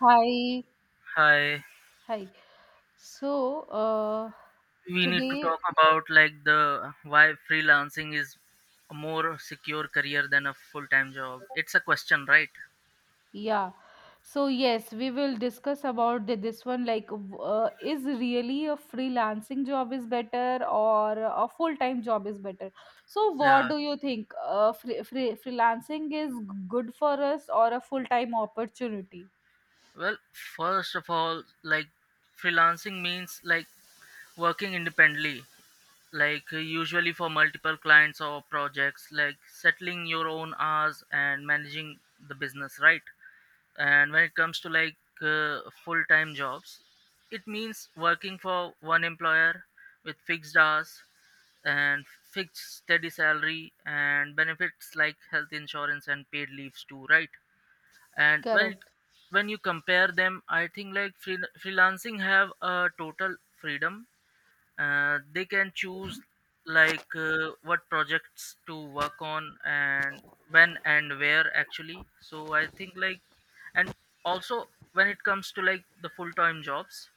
Hi. Hi, Hi. So, uh, we need to Today, talk about like the why freelancing is a more secure career than a full-time job. It's a question, right? yeah. So yes, we will discuss about this one like, is really a freelancing job is better or a full-time job is better? So, what Yeah. do you think? Freelancing is good for us or a full-time opportunity? Well, first of all, like freelancing means like working independently, like usually for multiple clients or projects, like settling your own hours and managing the business, right? And when it comes to full-time jobs, it means working for one employer with fixed hours and fixed steady salary and benefits like health insurance and paid leaves too, right? and when it, Correct, when you compare them, I think like freelancing have a total freedom. They can choose like what projects to work on and when and where actually, so I think like and also when it comes to like the full-time jobs,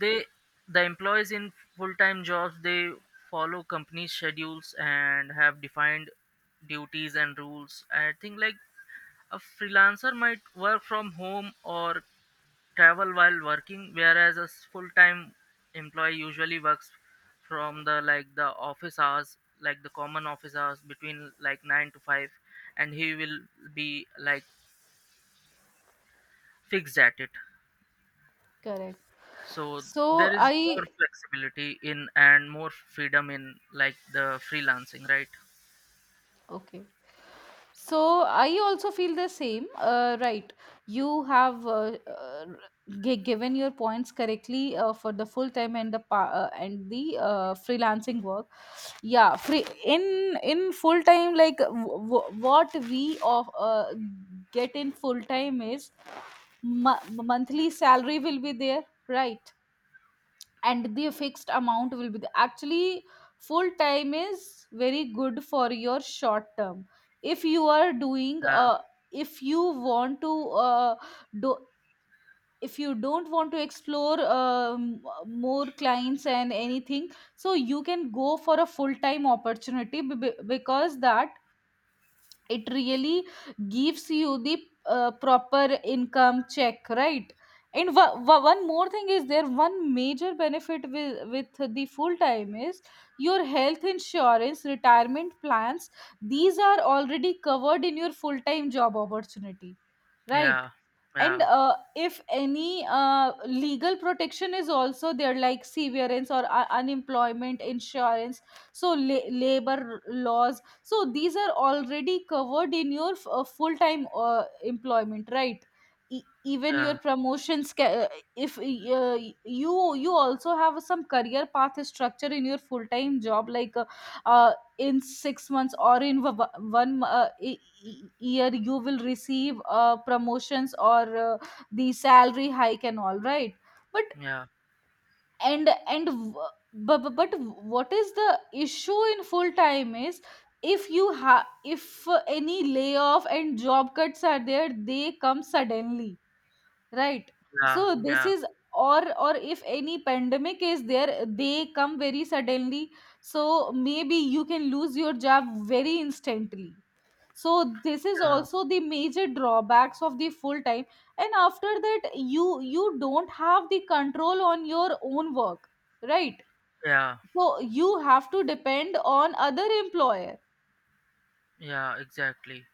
they the employees in full-time jobs, they follow company schedules and have defined duties and rules. I think like a freelancer might work from home or travel while working, whereas a full-time employee usually works from the like the office hours, like the common office hours between like 9 to 5, and he will be like fixed at it. correct. So there So, is more I flexibility in and more freedom in like the freelancing, right? Okay. So I also feel the same. Right. You have given your points correctly for the full time and the and the freelancing work. Yeah, free in full time like what we of get in full time is monthly salary will be there, right? And the fixed amount will be the actually full time is very good for your short term if you are doing yeah if you want to do if you don't want to explore more clients and anything, so you can go for a full time opportunity because that it really gives you the proper income check, right? And one more thing is there, one major benefit with the full time is your health insurance, retirement plans, these are already covered in your full time job opportunity, right? yeah And yeah if any legal protection is also there like severance or unemployment insurance, so labor laws, so these are already covered in your full time employment, right? Even your yeah promotions if you also have some career path structure in your full time job like uh, in 6 months or in one year you will receive promotions or the salary hike and all, right? but yeah and and But what is the issue in full time is if you have if any layoff and job cuts are there, they come suddenly, right? yeah So this yeah is or if any pandemic is there, they come very suddenly, so maybe you can lose your job very instantly. So this is yeah also the major drawbacks of the full time. And after that, you don't have the control on your own work, right? yeah So you have to depend on other employer yeah exactly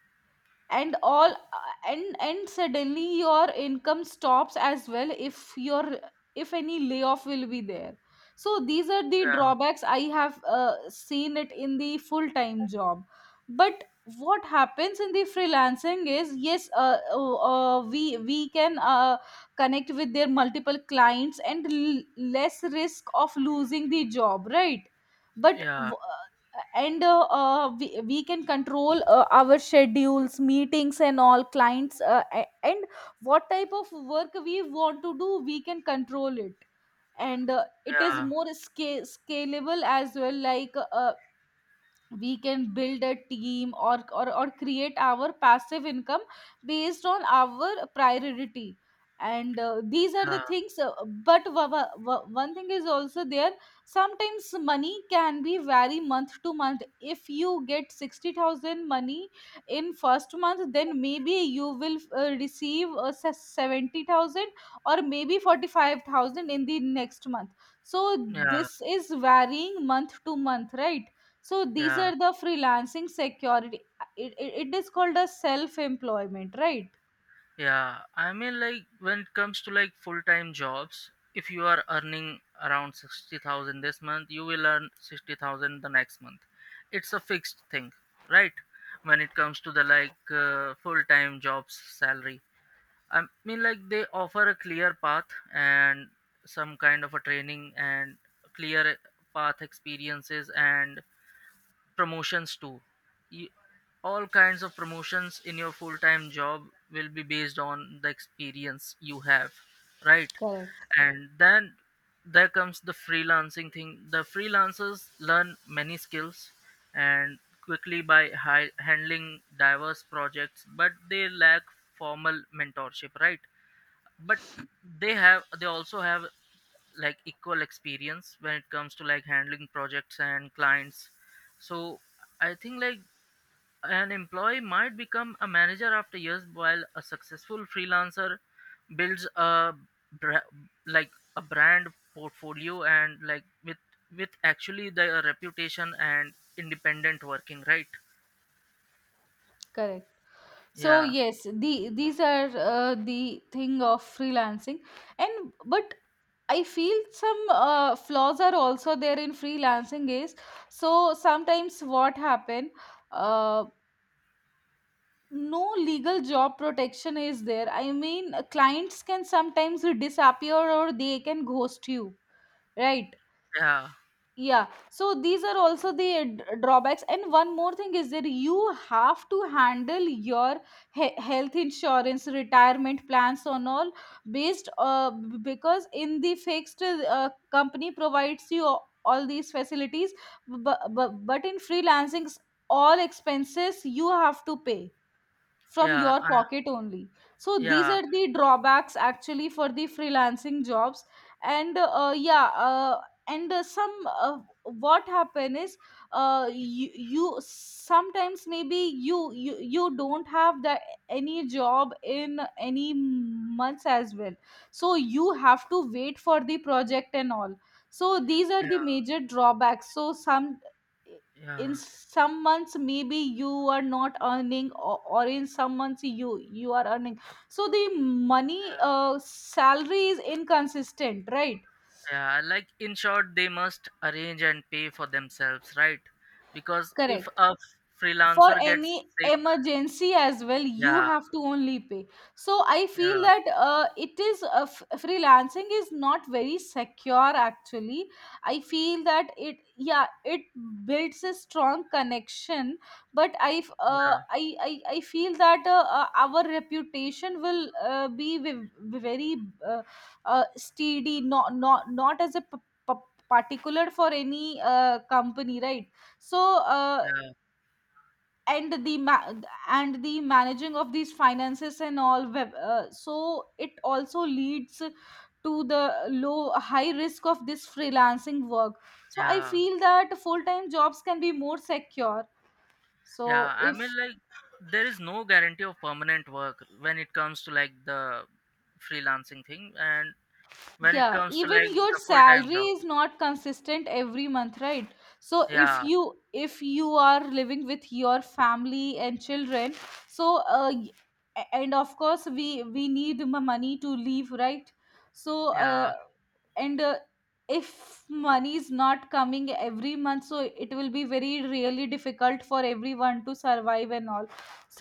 and all. And suddenly your income stops as well, if your if any layoff will be there. So these are the yeah drawbacks I have seen it in the full time job. But what happens in the freelancing is, yes, we can connect with their multiple clients and less risk of losing the job, right? but yeah w- and we can control our schedules, meetings and all clients and what type of work we want to do, we can control it. And it is yeah more scalable as well, like we can build a team or or create our passive income based on our priority. And these are the yeah things but one thing is also there, sometimes money can be vary month to month. If you get 60,000 money in first month, then maybe you will receive 70,000 or maybe 45,000 in the next month. So yeah this is varying month to month, right? So these yeah. are the freelancing security. It is called a self employment, right? Yeah, I mean, like when it comes to like full-time jobs, if you are earning around 60,000 this month, you will earn 60,000 the next month. It's a fixed thing, right? When it comes to the full-time jobs salary. I mean, like they offer a clear path and some kind of a training and clear path experiences and promotions too. you, all kinds of promotions in your full time job will be based on the experience you have, right? Correct. And then there comes the freelancing thing. The freelancers learn many skills and quickly by handling diverse projects, but they lack formal mentorship, right? But they also have like equal experience when it comes to like handling projects and clients. So I think like an employee might become a manager after years, while a successful freelancer builds a bra- like a brand portfolio and like with actually the reputation and independent working, right? Correct. So yeah yes, the these are the thing of freelancing, and but I feel some flaws are also there in freelancing is, so sometimes what happen, uh, no legal job protection is there, I mean, clients can sometimes disappear or they can ghost you, right? yeah Yeah, so these are also the drawbacks. And one more thing is that you have to handle your health insurance, retirement plans on all based, because in the fixed company provides you all these facilities, but in freelancing all expenses you have to pay from yeah your uh, pocket only. So these yeah are the drawbacks actually for the freelancing jobs. And yeah, and some what happen is, you sometimes maybe you don't have the any job in any months as well, so you have to wait for the project and all. So these are the major drawbacks, so some yeah in some months maybe you are not earning, or, in some months you are earning. So the money, yeah salary is inconsistent, right? Yeah, like in short, they must arrange and pay for themselves, right? Because if Correct. a For freelancer gets any sick, emergency as well you yeah, have to only pay. So I feel yeah, that it is freelancing is not very secure actually. I feel that it, yeah, it builds a strong connection, but i f- uh, yeah, I, I I feel that our reputation will be very uh, steady, not as a particular for any company, right? So uh, yeah, and the ma- and the managing of these finances and all so it also leads to the low high risk of this freelancing work. So I yeah, feel that full time jobs can be more secure. So yeah. I mean, if, like, there is no guarantee of permanent work when it comes to like the freelancing thing, and when it yeah, comes to like even your the full time salary job. is not consistent every month, right? So Yeah, if you are living with your family and children, so and of course we need money to leave, right? So, yeah, uh, and if money is not coming every month, so it will be very really difficult for everyone to survive and all.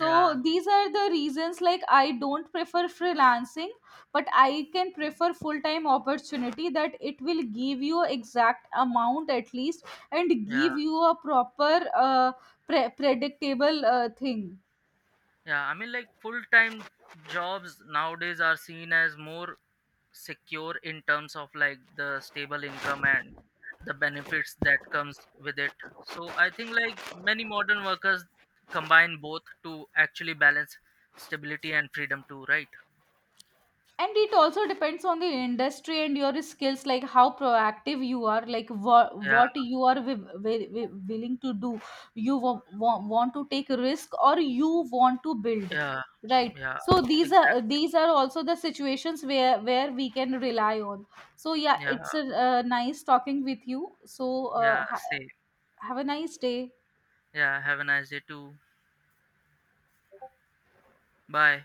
yeah, these are the reasons like I don't prefer freelancing, but I can prefer full time opportunity, that it will give you exact amount at least and yeah, give you a proper predictable thing. yeah. I mean, like, full time jobs nowadays are seen as more secure in terms of like the stable income and the benefits that comes with it. So I think like many modern workers combine both to actually balance stability and freedom too, right? And it also depends on the industry and your skills, like how proactive you are, like yeah what you are willing to do. you w- want to take risk or you want to build, yeah right? yeah So these are, exactly. these are also the situations where we can rely on. So yeah, yeah it's a, nice talking with you. So yeah see, have a nice day. yeah, have a nice day too. Bye.